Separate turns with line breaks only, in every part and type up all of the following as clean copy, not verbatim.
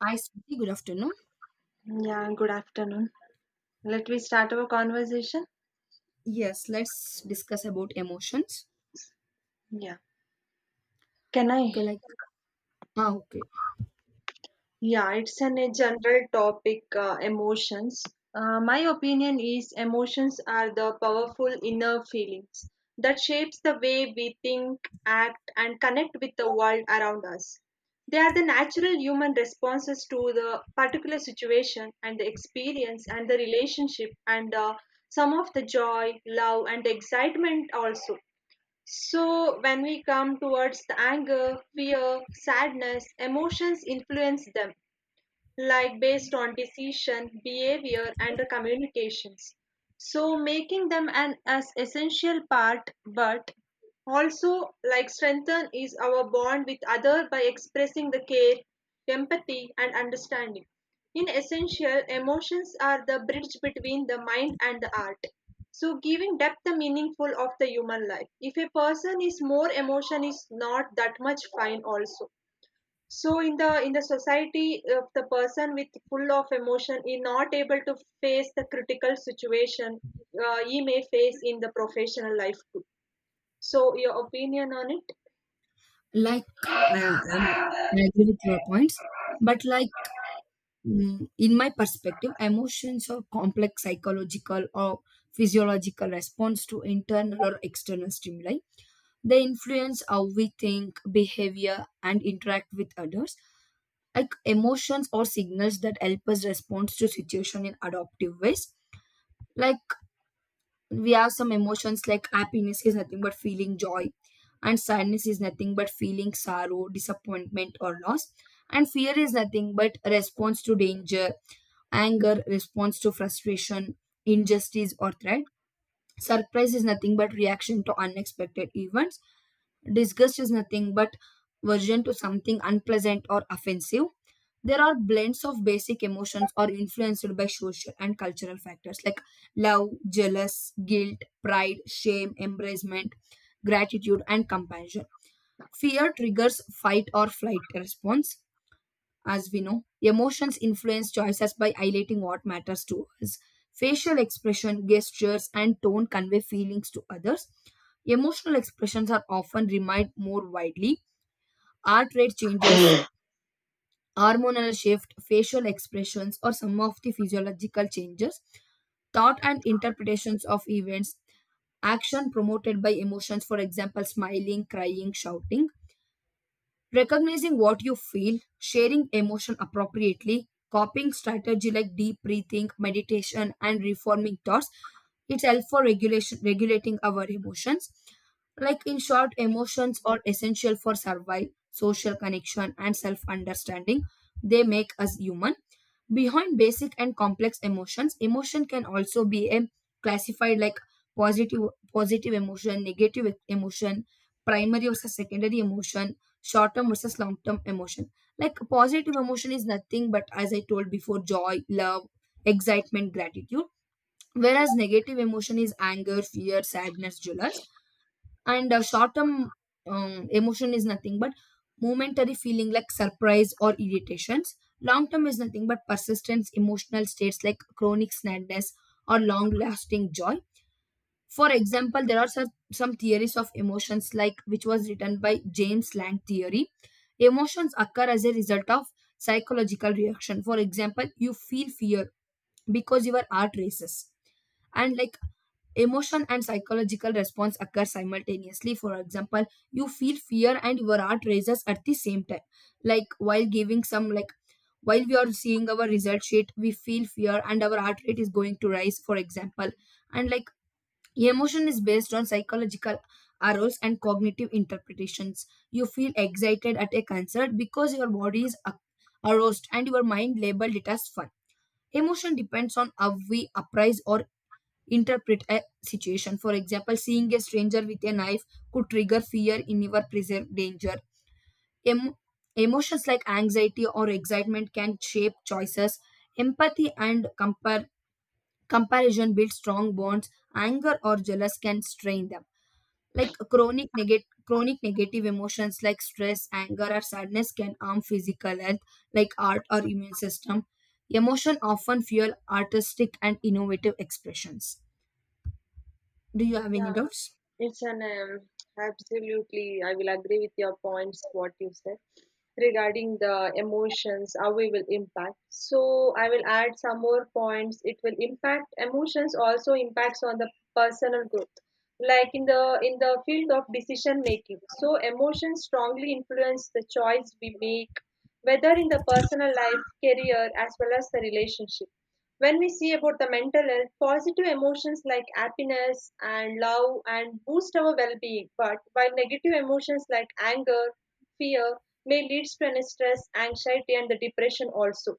Hi, Swati. Good afternoon.
Yeah, good afternoon. Let me start our conversation.
Yes, let's discuss about emotions.
Yeah. Can I?
Okay, ah, okay,
Yeah, it's a general topic, emotions. My opinion is emotions are the powerful inner feelings that shapes the way we think, act and connect with the world around us. They are the natural human responses to the particular situation and the experience and the relationship, and some of the joy, love and excitement also. So when we come towards the anger, fear, sadness, emotions influence them like based on decision, behavior, and communications. So making them an as essential part, but also like strengthen is our bond with other by expressing the care, empathy, and understanding. In essential, emotions are the bridge between the mind and the art. So giving depth the meaningful of the human life. If a person is more emotion is not that much fine also, so in the society of the person with full of emotion is not able to face the critical situation. He may face in the professional life too. So your opinion on it?
like I, I'm, I agree with your points, but in my perspective, emotions are complex psychological or physiological response to internal or external stimuli. They influence how we think, behavior, and interact with others. Like emotions or signals that help us respond to situation in adaptive ways. Like we have some emotions like happiness is nothing but feeling joy, and sadness is nothing but feeling sorrow, disappointment or loss, and fear is nothing but response to danger, anger response to frustration, injustice or threat, surprise is nothing but reaction to unexpected events. Disgust is nothing but aversion to something unpleasant or offensive. There are blends of basic emotions or influenced by social and cultural factors like love, jealous, guilt, pride, shame, embracement, gratitude, and compassion. Fear triggers fight or flight response as we know. Emotions influence choices by highlighting what matters to us. Facial expression, gestures, and tone convey feelings to others. Emotional expressions are often remind more widely. Heart rate changes, hormonal shift, facial expressions, or some of the physiological changes. Thought and interpretations of events, action promoted by emotions, for example smiling, crying, shouting. Recognizing what you feel, sharing emotion appropriately, coping strategy like deep breathing, meditation, and reforming thoughts. It's help for regulation regulating our emotions. Like in short, emotions are essential for survival, social connection, and self-understanding. They make us human. Behind basic and complex emotions, emotion can also be a classified like positive positive emotion, negative emotion, primary versus secondary emotion, short term versus long term emotion. Like positive emotion is nothing but, as I told before, joy, love, excitement, gratitude. Whereas negative emotion is anger, fear, sadness, jealousy, and short term emotion is nothing but momentary feeling like surprise or irritations. Long term is nothing but persistence emotional states like chronic sadness or long lasting joy. For example, there are some theories of emotions like which was written by James Lang theory. Emotions occur as a result of psychological reaction, for example you feel fear because your heart races. And like emotion and psychological response occur simultaneously. For example, you feel fear and your heart raises at the same time. Like while giving some like while we are seeing our result sheet, we feel fear and our heart rate is going to rise, for example. And like emotion is based on psychological arrows and cognitive interpretations. You feel excited at a concert because your body is aroused and your mind labeled it as fun. Emotion depends on how we appraise or interpret a situation. For example, seeing a stranger with a knife could trigger fear in your present danger. Em- Emotions like anxiety or excitement can shape choices. Empathy and comparison build strong bonds. Anger or jealous can strain them. Like chronic negative emotions like stress, anger, or sadness can harm physical health, like art or immune system. Emotion often fuel artistic and innovative expressions. Do you have any
Yeah,
doubts?
it's an, absolutely, I will agree with your points, what you said regarding the emotions, how we will impact. So I will add some more points. It will impact emotions, also impacts on the personal growth. Like in the field of decision making, so emotions strongly influence the choice we make, whether in the personal life, career, as well as the relationship. When we see about the mental health, positive emotions like happiness and love and boost our well-being, but while negative emotions like anger, fear may lead to an stress, anxiety and the depression also.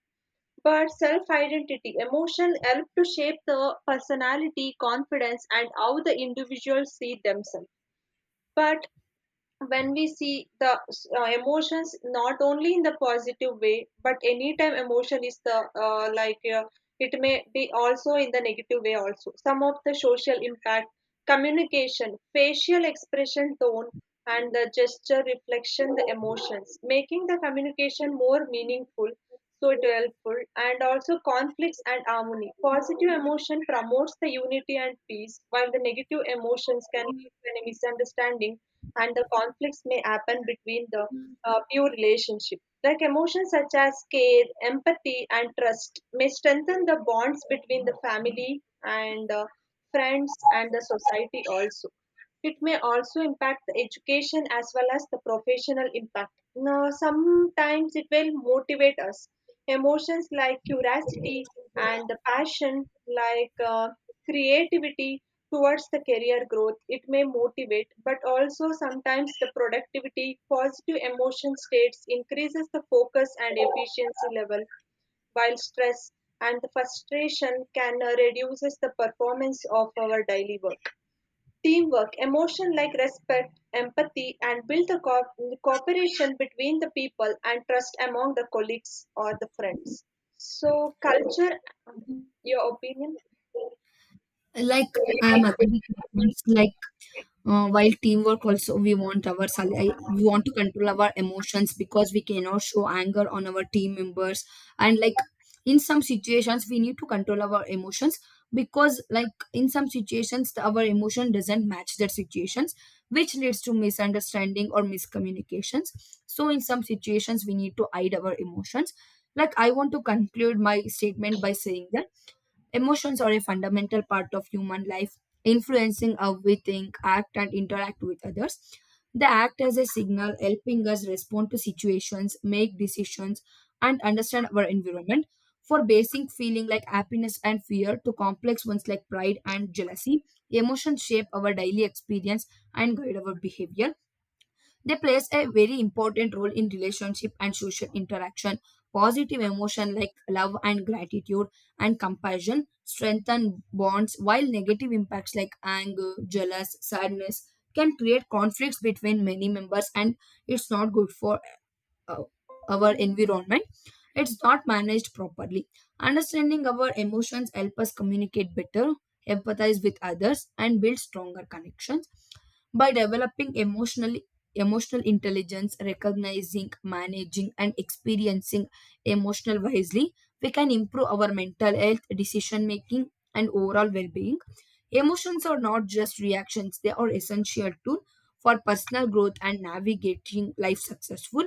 But self-identity, emotion help to shape the personality, confidence, and how the individuals see themselves. But when we see the emotions not only in the positive way but anytime emotion is the it may be also in the negative way, also some of the social impact, communication, facial expression, tone and the gesture reflection the emotions making the communication more meaningful, so it helpful. And also conflicts and harmony, positive emotion promotes the unity and peace, while the negative emotions can lead to any misunderstanding and the conflicts may happen between the pure relationship. Like emotions such as care, empathy, and trust may strengthen the bonds between the family and, friends and the society also. It may also impact the education as well as the professional impact. Now, sometimes it will motivate us. Emotions like curiosity and the passion, like creativity towards the career growth, it may motivate, but also sometimes the productivity, positive emotion states increases the focus and efficiency level, while stress and the frustration can reduces the performance of our daily work. Teamwork, emotion like respect, empathy, and build the cooperation between the people and trust among the colleagues or the friends. So, culture, your opinion?
Like I am agree with your points. While teamwork also, we want our we want to control our emotions because we cannot show anger on our team members. And like in some situations we need to control our emotions, because like in some situations our emotion doesn't match that situations, which leads to misunderstanding or miscommunications. So in some situations we need to hide our emotions. Like I want to conclude my statement by saying that emotions are a fundamental part of human life, influencing how we think, act, and interact with others. They act as a signal, helping us respond to situations, make decisions, and understand our environment. For basic feeling like happiness and fear to complex ones like pride and jealousy, emotions shape our daily experience and guide our behavior. They plays a very important role in relationship and social interaction. Positive emotion like love and gratitude and compassion strengthen bonds, while negative impacts like anger, jealous, sadness can create conflicts between many members, and it's not good for uh, our environment. It's not managed properly. Understanding our emotions help us communicate better, empathize with others, and build stronger connection by developing emotional intelligence, recognizing, managing and experiencing emotional wisely. We can improve our mental health, decision making, and overall well-being. Emotions are not just reactions, they are essential tool for personal growth and navigating life successful,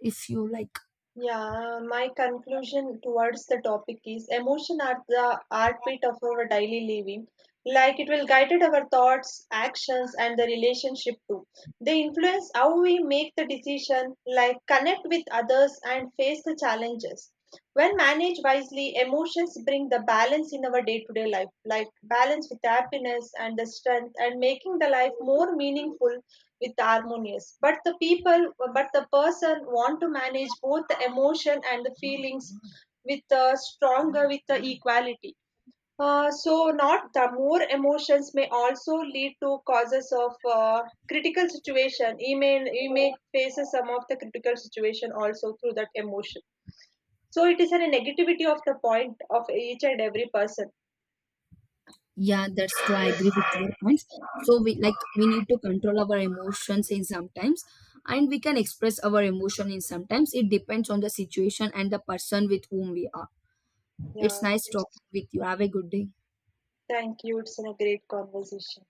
if you like.
Yeah, my conclusion towards the topic is emotion are the heartbeat of our daily living. Like it will guide our thoughts, actions, and the relationship too. They influence how we make the decision, like connect with others and face the challenges. When managed wisely, emotions bring the balance in our day to day life, like balance with happiness and the strength, and making the life more meaningful with harmonious. But the people, but the person want to manage both the emotion and the feelings with the stronger, with the equality. So not the more emotions may also lead to causes of critical situation. You may face some of the critical situation also through that emotion, so it is a negativity of the point of each and every person.
Yeah, that's true. I agree with your points. So we like we need to control our emotions in sometimes, and we can express our emotion in sometimes. It depends on the situation and the person with whom we are. It's
Yeah,
nice
it's
talking with you. Have a good day.
thank you. It's a great conversation.